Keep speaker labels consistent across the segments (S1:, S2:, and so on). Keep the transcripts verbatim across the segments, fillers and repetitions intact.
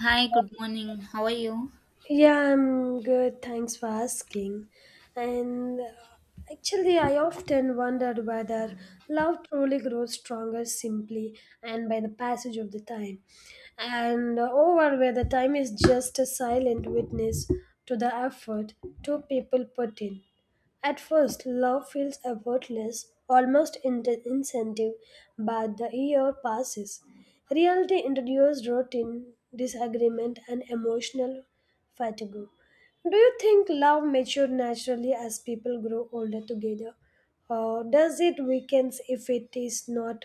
S1: Hi, good morning. How are you?
S2: Yeah, I'm good. Thanks for asking. And uh, actually, I often wondered whether love truly grows stronger simply and by the passage of the time, and uh, over whether time is just a silent witness to the effort two people put in. At first, love feels effortless, almost in- incentive, but the year passes. Reality introduces routine, disagreement, and emotional fatigue. Do you think love matures naturally as people grow older together? Or does it weaken if it is not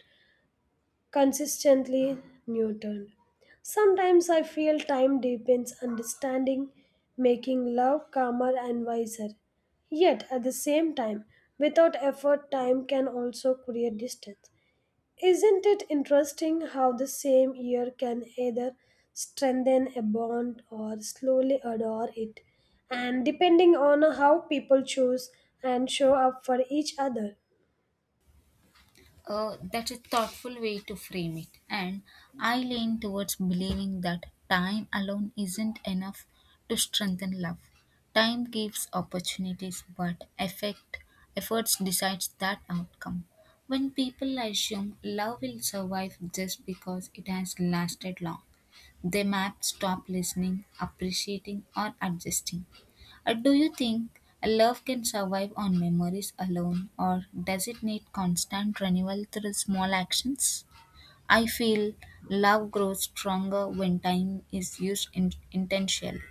S2: consistently nurtured? Sometimes I feel time deepens understanding, making love calmer and wiser. Yet at the same time, without effort, time can also create distance. Isn't it interesting how the same year can either strengthen a bond or slowly adore it, and depending on how people choose and show up for each other?
S1: Uh, that's a thoughtful way to frame it. And I lean towards believing that time alone isn't enough to strengthen love. Time gives opportunities, but effect, efforts decides that outcome. When people assume love will survive just because it has lasted long, they map stop listening, appreciating, or adjusting. Uh, do you think a love can survive on memories alone, or does it need constant renewal through small actions? I feel love grows stronger when time is used in- intentionally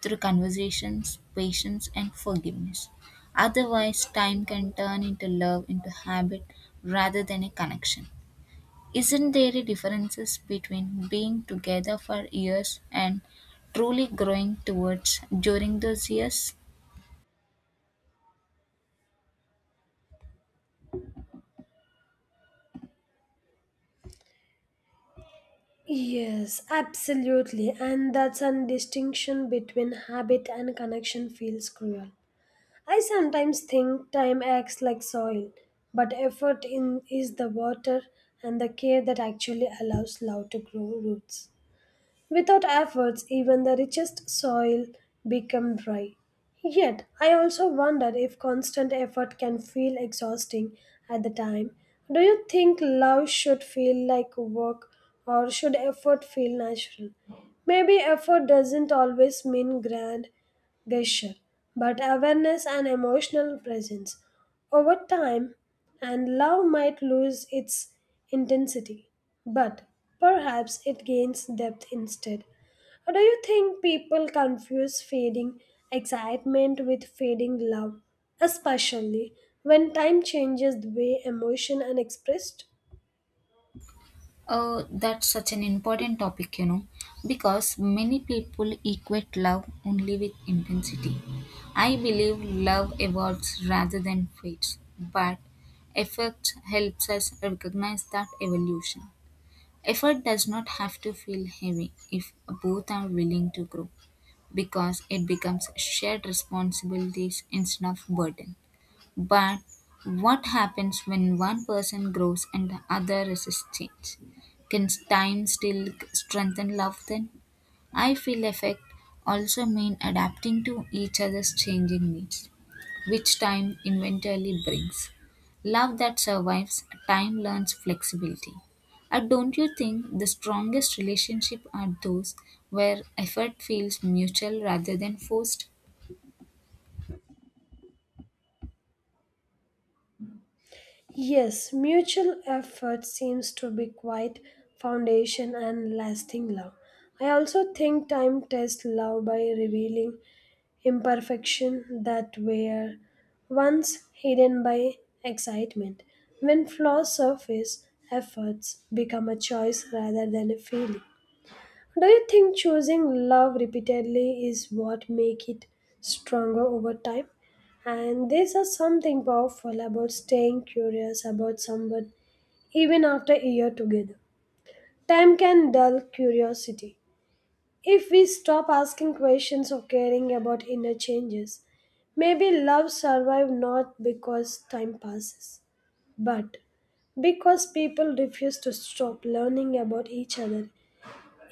S1: through conversations, patience, and forgiveness. Otherwise, time can turn into love into habit rather than a connection. Isn't there a differences between being together for years and truly growing towards during those years?
S2: Yes, absolutely, and that's a distinction between habit and connection feels cruel. I sometimes think time acts like soil, but effort in is the water and the care that actually allows love to grow roots. Without efforts, even the richest soil becomes dry. Yet, I also wonder if constant effort can feel exhausting at the time. Do you think love should feel like work or should effort feel natural? Maybe effort doesn't always mean grand gesture, but awareness and emotional presence. Over time, and love might lose its intensity, but perhaps it gains depth instead. Or do you think people confuse fading excitement with fading love, especially when time changes the way emotion are expressed?
S1: Oh, that's such an important topic, you know, because many people equate love only with intensity. I believe love evolves rather than fades, but effort helps us recognize that evolution. Effort does not have to feel heavy if both are willing to grow, because it becomes shared responsibilities instead of burden. But what happens when one person grows and the other resists change? Can time still strengthen love then? I feel effect also mean adapting to each other's changing needs, which time eventually brings. Love that survives, time learns flexibility. And don't you think the strongest relationship are those where effort feels mutual rather than forced?
S2: Yes, mutual effort seems to be quite foundation and lasting love. I also think time tests love by revealing imperfection that were once hidden by excitement. When flaws surface, efforts become a choice rather than a feeling. Do you think choosing love repeatedly is what make it stronger over time? And this is something powerful about staying curious about someone even after a year together. Time can dull curiosity, if we stop asking questions or caring about inner changes, maybe love survives not because time passes, but because people refuse to stop learning about each other.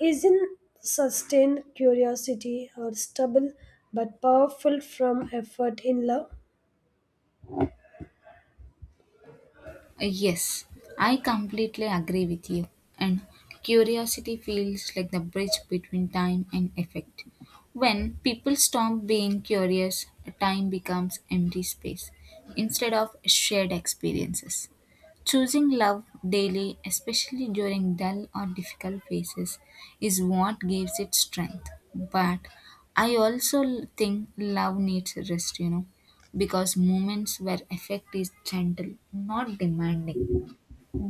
S2: Isn't sustained curiosity or stubble but powerful from effort in love?
S1: Uh, Yes, I completely agree with you. And curiosity feels like the bridge between time and effect. When people stop being curious, time becomes empty space instead of shared experiences. Choosing love daily, especially during dull or difficult phases, is what gives it strength. But I also l- think love needs rest, you know, because moments where effect is gentle, not demanding.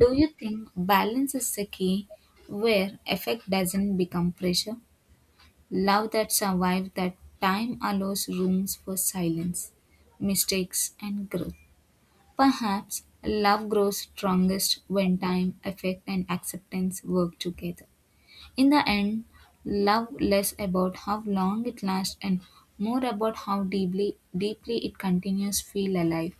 S1: Do you think balance is the key where effect doesn't become pressure? Love that survives that time allows rooms for silence, mistakes, and growth. Perhaps love grows strongest when time, affect, and acceptance work together. In the end, love less about how long it lasts and more about how deeply deeply it continues feel alive.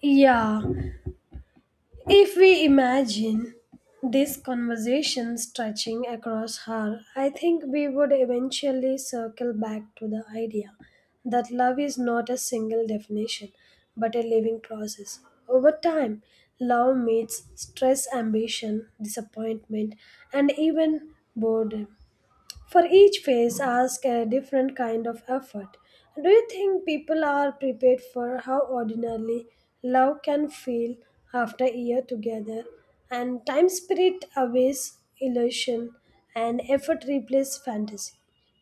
S2: Yeah, if we imagine this conversation stretching across her, I think we would eventually circle back to the idea that love is not a single definition but a living process. Over time, love meets stress, ambition, disappointment, and even boredom. For each phase, ask a different kind of effort. Do you think people are prepared for how ordinarily love can feel after a year together? And time spirit outweighs illusion, and effort replaces fantasy.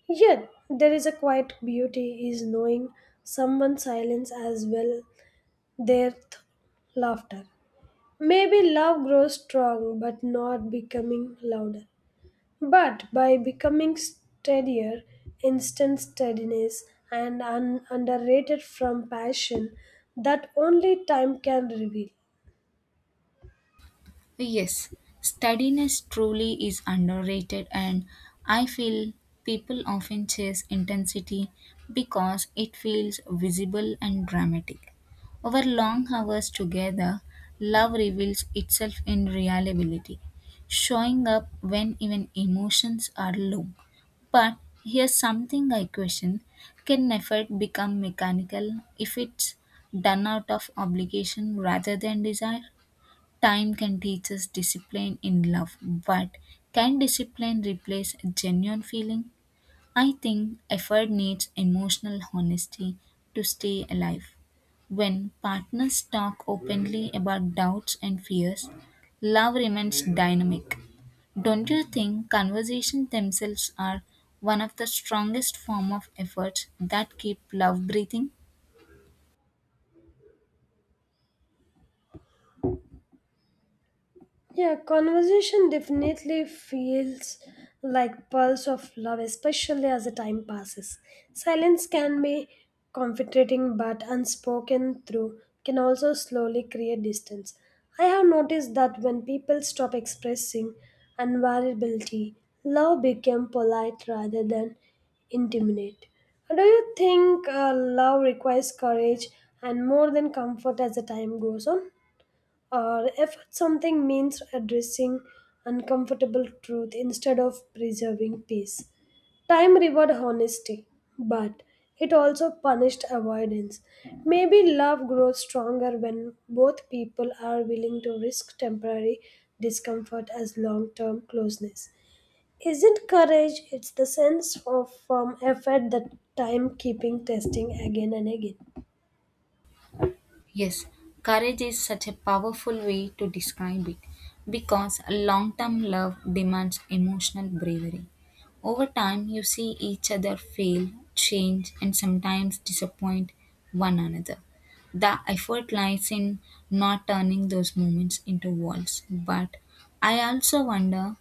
S2: Yet, there is a quiet beauty is knowing someone's silence as well their th- laughter. Maybe love grows strong but not becoming louder. But by becoming steadier, instant steadiness, and un- underrated from passion, that only time can reveal.
S1: Yes, steadiness truly is underrated, and I feel people often chase intensity because it feels visible and dramatic. Over long hours together, love reveals itself in reliability, showing up when even emotions are low. But here's something I question: can effort become mechanical if it's done out of obligation rather than desire? Time can teach us discipline in love, but can discipline replace genuine feeling? I think effort needs emotional honesty to stay alive. When partners talk openly about doubts and fears, love remains dynamic. Don't you think conversations themselves are one of the strongest form of efforts that keep love breathing?
S2: Yeah, conversation definitely feels like pulse of love, especially as the time passes. Silence can be comforting, but unspoken through can also slowly create distance. I have noticed that when people stop expressing unvariability, love became polite rather than intimate. Do you think uh, love requires courage and more than comfort as the time goes on? Or if something means addressing uncomfortable truth instead of preserving peace. Time reward honesty, but it also punished avoidance. Maybe love grows stronger when both people are willing to risk temporary discomfort as long term closeness. Isn't courage, it's the sense of firm effort that time keeping testing again and again.
S1: Yes, courage is such a powerful way to describe it because long term love demands emotional bravery. Over time, you see each other fail, change, and sometimes disappoint one another. The effort lies in not turning those moments into walls. But I also wonder,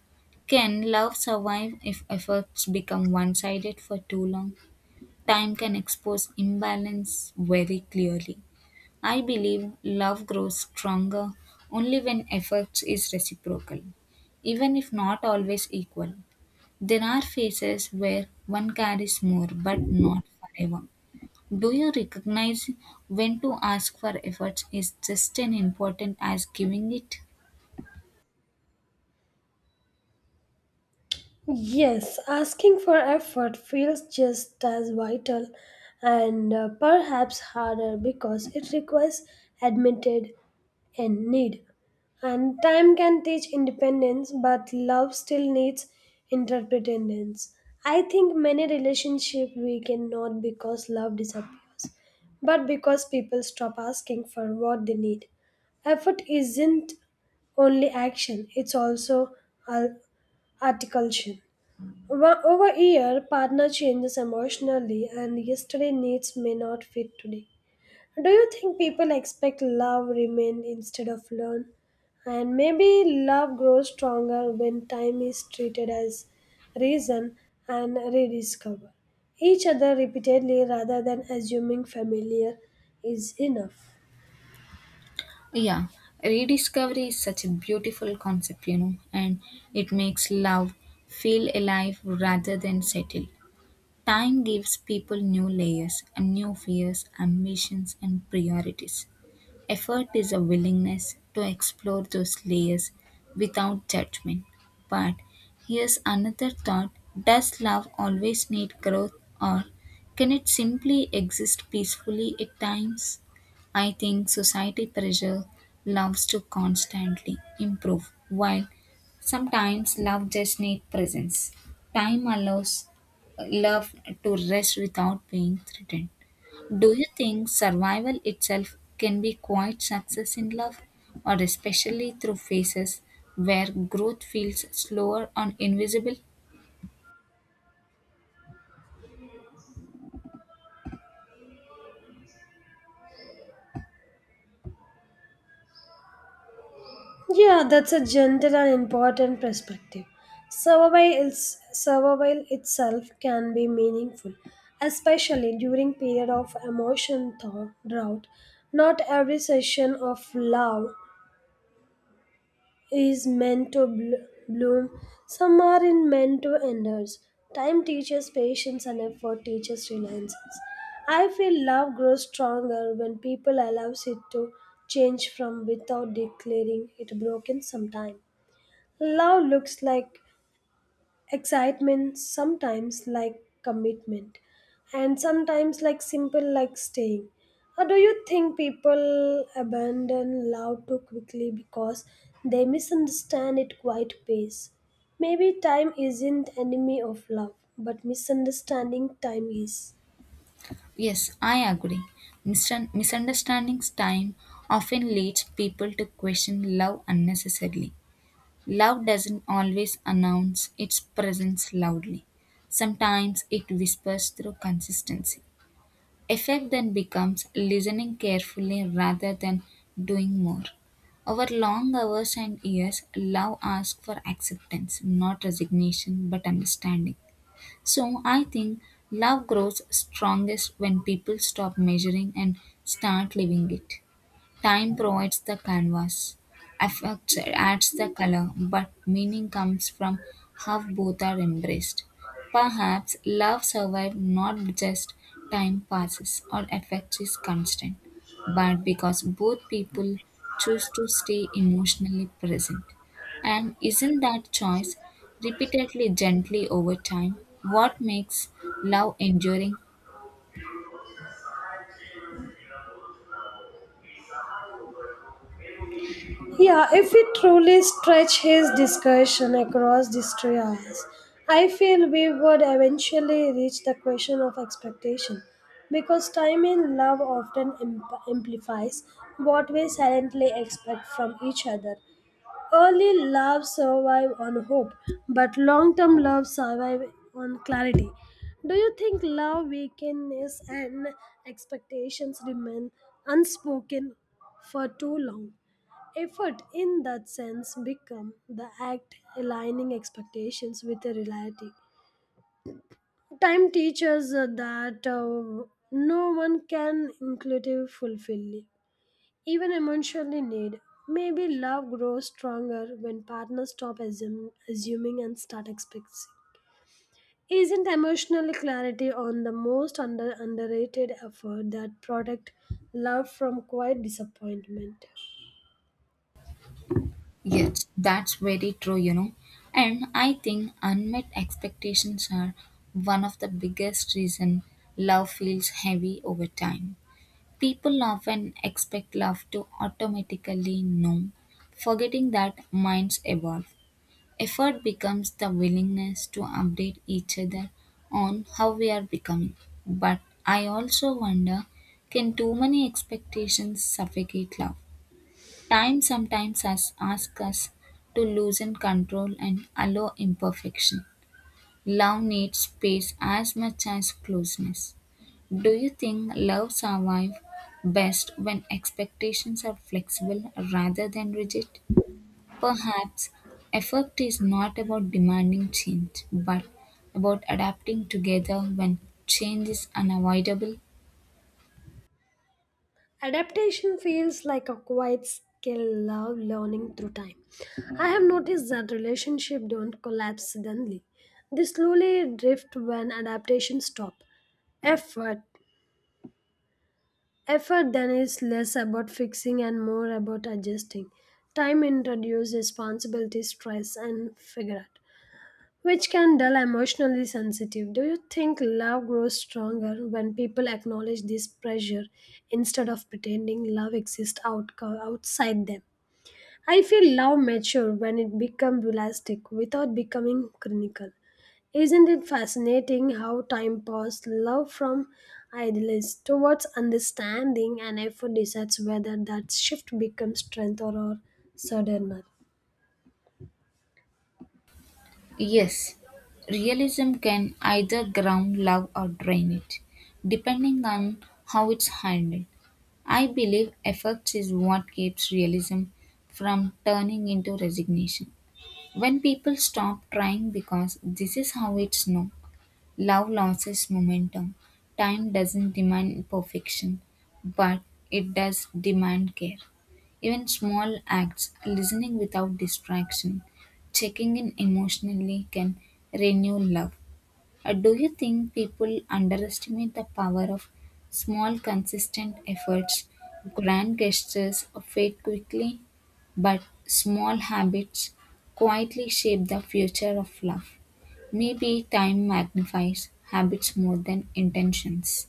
S1: can love survive if efforts become one sided for too long? Time can expose imbalance very clearly. I believe love grows stronger only when effort is reciprocal, even if not always equal. There are phases where one carries more, but not forever. Do you recognize when to ask for effort is just as important as giving it?
S2: Yes, asking for effort feels just as vital and uh, perhaps harder because it requires admitted and need. And time can teach independence, but love still needs interdependence. I think many relationships weaken not because love disappears, but because people stop asking for what they need. Effort isn't only action, it's also ar- articulation. Wa- Over a year, partner changes emotionally, and yesterday needs may not fit today. Do you think people expect love remain instead of learn? And maybe love grows stronger when time is treated as reason and rediscover each other repeatedly rather than assuming familiar is enough.
S1: Yeah, rediscovery is such a beautiful concept, you know, and it makes love feel alive rather than settled. Time gives people new layers and new fears, ambitions, and priorities. Effort is a willingness to explore those layers without judgment. But here's another thought: does love always need growth, or can it simply exist peacefully at times? I think society pressure loves to constantly improve, while sometimes love just needs presence. Time allows uh, love to rest without being threatened. Do you think survival itself can be quite success in love, or especially through phases where growth feels slower or invisible?
S2: Yeah, that's a gentle and important perspective. Survival, is, survival itself can be meaningful, especially during period of emotion thaw- drought. Not every session of love is meant to bl- bloom. Some are in meant to endure. Time teaches patience and effort teaches reliance. I feel love grows stronger when people allows it to change from without declaring it broken sometime. Love looks like excitement, sometimes like commitment, and sometimes like simple like staying. Or do you think people abandon love too quickly because they misunderstand it quite pace? Maybe time isn't enemy of love, but misunderstanding time is.
S1: Yes, I agree. Misun- Misunderstandings time often leads people to question love unnecessarily. Love doesn't always announce its presence loudly. Sometimes it whispers through consistency. Effect then becomes listening carefully rather than doing more. Our long hours and years, love asks for acceptance, not resignation, but understanding. So I think love grows strongest when people stop measuring and start living it. Time provides the canvas, affects adds the color, but meaning comes from how both are embraced. Perhaps love survives not just time passes or affect is constant, but because both people choose to stay emotionally present. And isn't that choice repeatedly gently over time what makes love enduring?
S2: Yeah, if we truly stretch his discussion across these three hours, I feel we would eventually reach the question of expectation because time in love often imp- amplifies what we silently expect from each other. Early love survive on hope, but long-term love survive on clarity. Do you think love weakness and expectations remain unspoken for too long? Effort in that sense become the act aligning expectations with the reality. Time teaches uh, that uh, no one can inclusive fulfill even emotionally need. Maybe love grows stronger when partners stop assum- assuming and start expecting. Isn't emotional clarity on the most under- underrated effort that protect love from quiet disappointment?
S1: Yes, that's very true, you know. And I think unmet expectations are one of the biggest reason love feels heavy over time. People often expect love to automatically know, forgetting that minds evolve. Effort becomes the willingness to update each other on how we are becoming. But I also wonder, can too many expectations suffocate love? Time sometimes has asked us to loosen control and allow imperfection. Love needs space as much as closeness. Do you think love survives best when expectations are flexible rather than rigid? Perhaps effort is not about demanding change, but about adapting together when change is unavoidable.
S2: Adaptation feels like a quiet skill love learning through time. I have noticed that relationships don't collapse suddenly. They slowly drift when adaptation stops. Effort. Effort then is less about fixing and more about adjusting. Time introduces responsibility, stress, and figure out which can dull emotionally sensitive. Do you think love grows stronger when people acknowledge this pressure instead of pretending love exists out- outside them? I feel love mature when it becomes realistic without becoming clinical. Isn't it fascinating how time passed love from idealists towards understanding and effort decides whether that shift becomes strength or, or sadness?
S1: Yes, realism can either ground love or drain it, depending on how it's handled. I believe effects is what keeps realism from turning into resignation. When people stop trying because this is how it's known, love loses momentum. Time doesn't demand perfection, but it does demand care. Even small acts, listening without distraction, checking in emotionally can renew love. Uh, do you think people underestimate the power of small, consistent efforts? Grand gestures fade quickly, but small habits quietly shape the future of love. Maybe time magnifies habits more than intentions.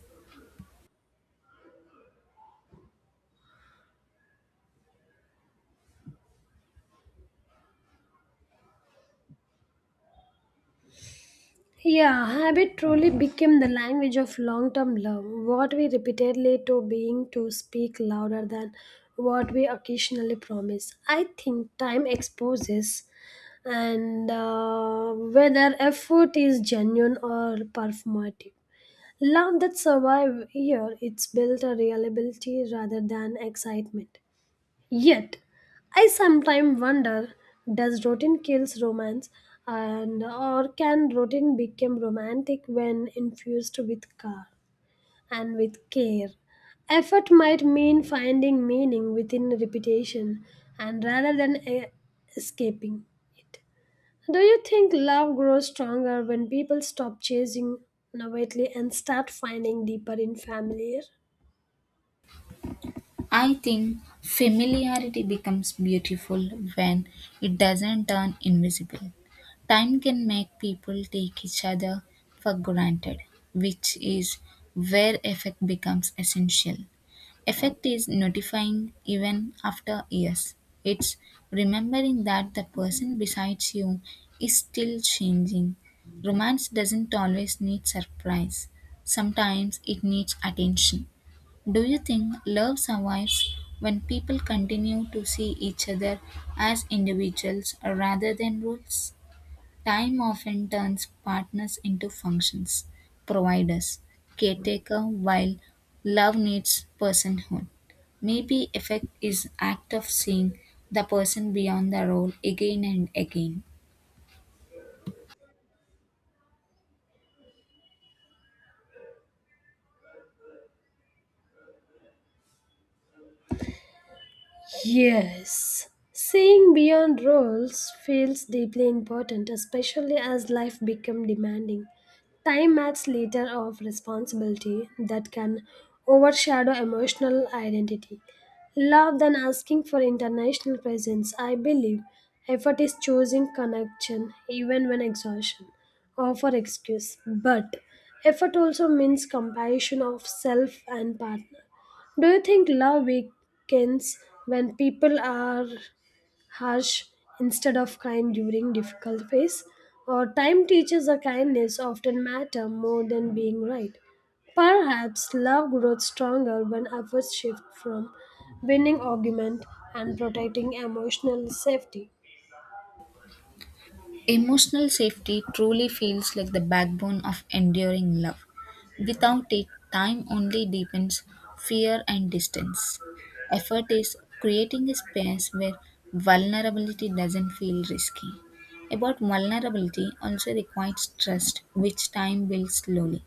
S2: Yeah, habit truly became the language of long term love, what we repeatedly to being to speak louder than what we occasionally promise. I think time exposes and uh, whether effort is genuine or performative. Love that survive here, it's built a reliability rather than excitement. Yet, I sometimes wonder does routine kills romance and or can routine become romantic when infused with care and with care? Effort might mean finding meaning within repetition and rather than e- escaping it. Do you think love grows stronger when people stop chasing novelty and start finding deeper in familiar?
S1: I think familiarity becomes beautiful when it doesn't turn invisible. Time can make people take each other for granted, which is where effect becomes essential. Effect is notifying even after years. It's remembering that the person besides you is still changing. Romance doesn't always need surprise, sometimes it needs attention. Do you think love survives when people continue to see each other as individuals rather than roles? Time often turns partners into functions, providers, caretaker, while love needs personhood. Maybe effect is act of seeing the person beyond the role again and again.
S2: Yes. Seeing beyond roles feels deeply important, especially as life becomes demanding. Time adds layer of responsibility that can overshadow emotional identity. Love than asking for international presence, I believe. Effort is choosing connection even when exhaustion offer excuse. But effort also means compassion of self and partner. Do you think love weakens when people are harsh instead of kind during difficult phase? Or time teaches a kindness often matter more than being right. Perhaps love grows stronger when efforts shift from winning argument and protecting emotional safety.
S1: Emotional safety truly feels like the backbone of enduring love. Without it, time only deepens fear and distance. Effort is creating a space where vulnerability doesn't feel risky. About vulnerability also requires trust, which time builds slowly.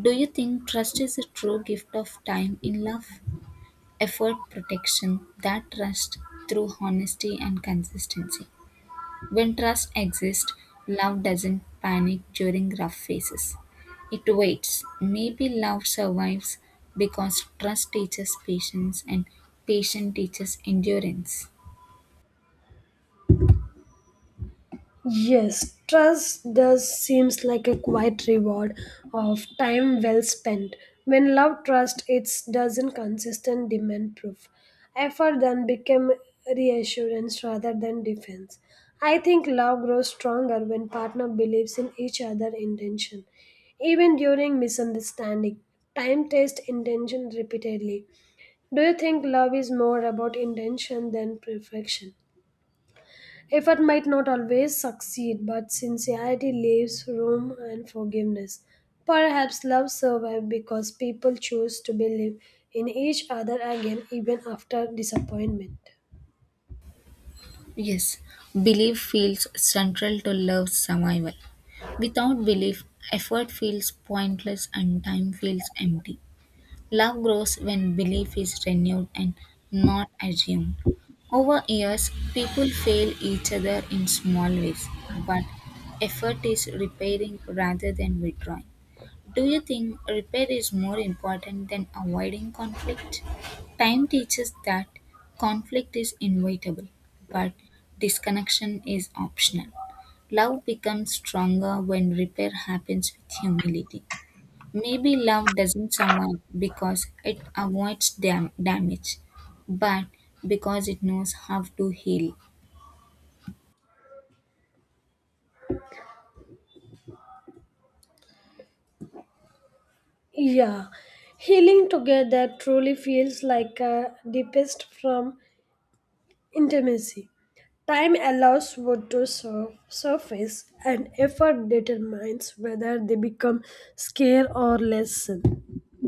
S1: Do you think trust is a true gift of time in love? Effort protection, that trust through honesty and consistency. When trust exists, love doesn't panic during rough phases. It waits. Maybe love survives because trust teaches patience and patience teaches endurance.
S2: Yes, trust does seems like a quiet reward of time well spent. When love trust it doesn't consistent demand proof. Effort then become reassurance rather than defense. I think love grows stronger when partner believes in each other intention. Even during misunderstanding, time test intention repeatedly. Do you think love is more about intention than perfection? Effort might not always succeed, but sincerity leaves room and forgiveness. Perhaps love survives because people choose to believe in each other again even after disappointment.
S1: Yes, belief feels central to love's survival. Without belief, effort feels pointless and time feels empty. Love grows when belief is renewed and not assumed. Over years, people fail each other in small ways, but effort is repairing rather than withdrawing. Do you think repair is more important than avoiding conflict? Time teaches that conflict is inevitable, but disconnection is optional. Love becomes stronger when repair happens with humility. Maybe love doesn't someone because it avoids dam- damage, but because it knows how to heal.
S2: Yeah, healing together truly feels like a deepest from intimacy. Time allows wood to sur- surface, and effort determines whether they become scale or lesson.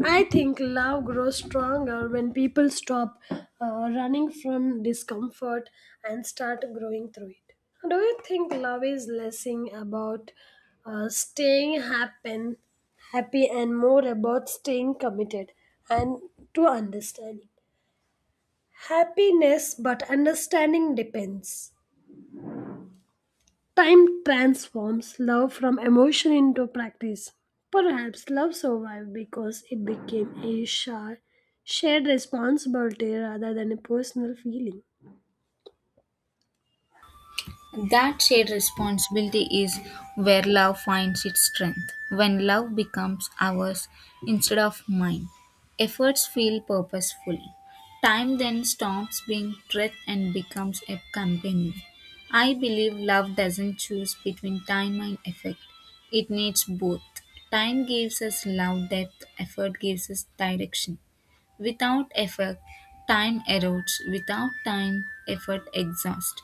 S2: I think love grows stronger when people stop uh, running from discomfort and start growing through it. Do you think love is less about uh, staying happen, happy and more about staying committed and to understanding? Happiness but understanding depends. Time transforms love from emotion into practice. Perhaps love survived because it became a sha- shared responsibility rather than a personal feeling.
S1: That shared responsibility is where love finds its strength. When love becomes ours instead of mine, efforts feel purposeful. Time then stops being threat and becomes a companion. I believe love doesn't choose between time and effort. It needs both. Time gives us love depth, effort gives us direction. Without effort, time erodes. Without time, effort exhausts.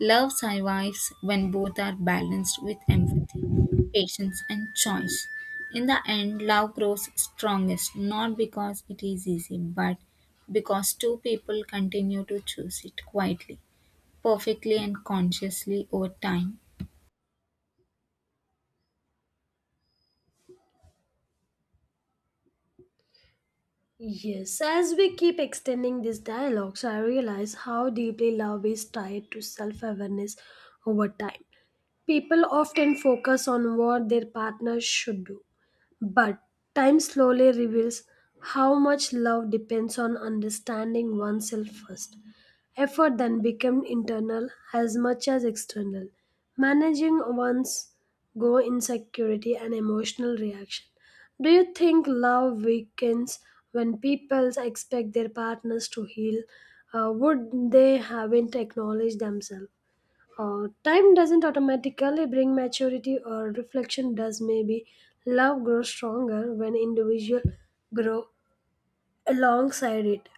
S1: Love survives when both are balanced with empathy, patience, and choice. In the end, love grows strongest not because it is easy, but because two people continue to choose it quietly, perfectly, and consciously over time.
S2: Yes, as we keep extending these dialogues, I realize how deeply love is tied to self awareness over time. People often focus on what their partner should do, but time slowly reveals how much love depends on understanding oneself first. Effort then becomes internal as much as external, managing one's go insecurity and emotional reaction. Do you think love weakens when people expect their partners to heal? Uh, would they haven't acknowledged themselves? Uh, time doesn't automatically bring maturity or reflection does maybe love grows stronger when individual grow alongside it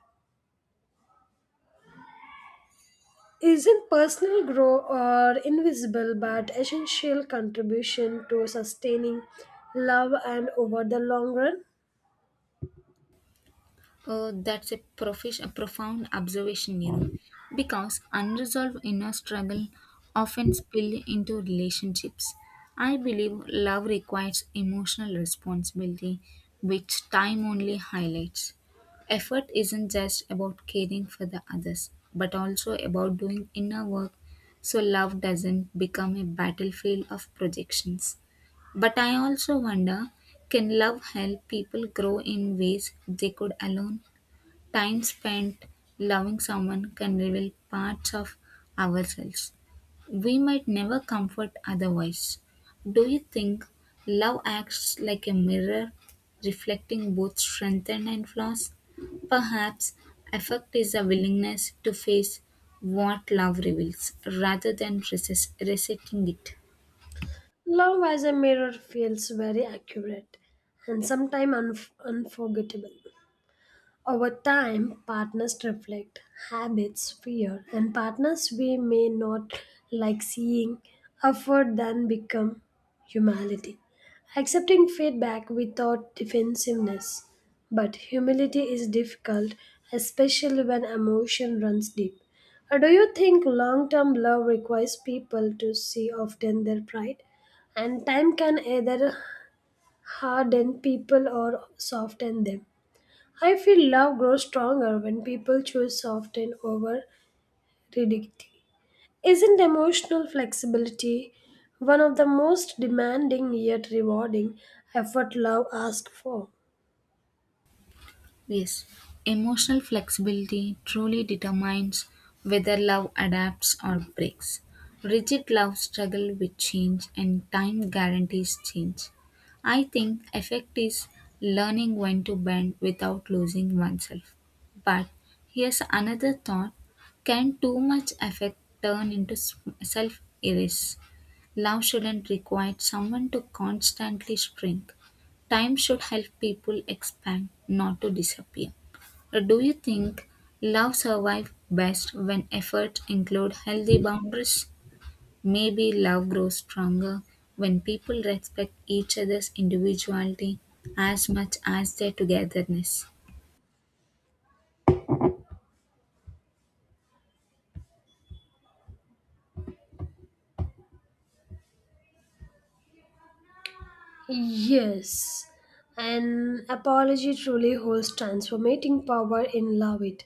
S2: isn't personal grow or invisible but essential contribution to sustaining love and over the long run
S1: Uh, that's a, profish, a profound observation, you know, because unresolved inner struggle often spill into relationships. I believe love requires emotional responsibility, which time only highlights. Effort isn't just about caring for the others, but also about doing inner work so love doesn't become a battlefield of projections. But I also wonder, can love help people grow in ways they could alone? Time spent loving someone can reveal parts of ourselves we might never comfort otherwise. Do you think love acts like a mirror, reflecting both strengths and flaws? Perhaps affect is a willingness to face what love reveals rather than resist, resisting it.
S2: love as a mirror feels very accurate and sometimes unf- unforgettable. Over time, partners reflect habits, fear, and partners we may not like seeing effort then become humility. Accepting feedback without defensiveness. But humility is difficult, especially when emotion runs deep. Uh, Do you think long term love requires people to see often their pride? And time can either harden people or soften them. I feel love grows stronger when people choose soften over rigidity. Isn't emotional flexibility one of the most demanding yet rewarding effort love asks for?
S1: Yes, emotional flexibility truly determines whether love adapts or breaks. Rigid love struggle with change and time guarantees change. I think effect is learning when to bend without losing oneself. But here's another thought: can too much effect turn into self erase? Love shouldn't require someone to constantly shrink. Time should help people expand, not to disappear. Uh, Do you think love survives best when efforts include healthy boundaries? Maybe love grows stronger when people respect each other's individuality as much as their togetherness.
S2: Yes, an apology truly holds transformating power in love it,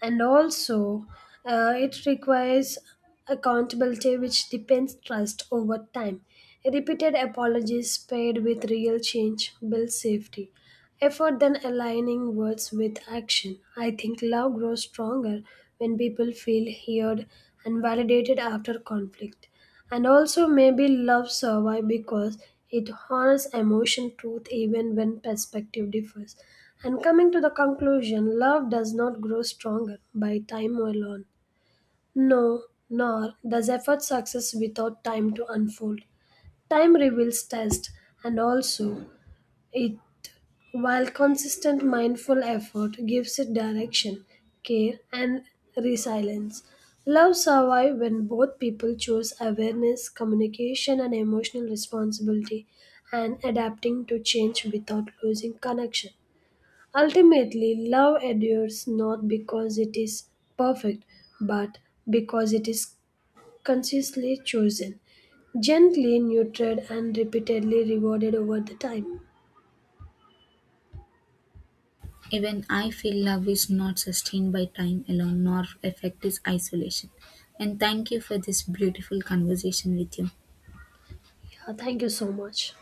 S2: and also uh, it requires accountability which depends trust over time. Repeated apologies paired with real change build safety. Effort then aligning words with action. I think love grows stronger when people feel heard and validated after conflict. And also maybe love survives because it honors emotion truth even when perspective differs. And coming to the conclusion, love does not grow stronger by time alone. No, nor does effort success without time to unfold. Time reveals test and also it while consistent mindful effort gives it direction, care, and resilience. Love survives when both people choose awareness, communication, and emotional responsibility and adapting to change without losing connection. Ultimately, love endures not because it is perfect, but because it is consciously chosen, gently nurtured, and repeatedly rewarded over the time.
S1: Even I feel love is not sustained by time alone, nor effect is isolation. And thank you for this beautiful conversation with you.
S2: Yeah, thank you so much.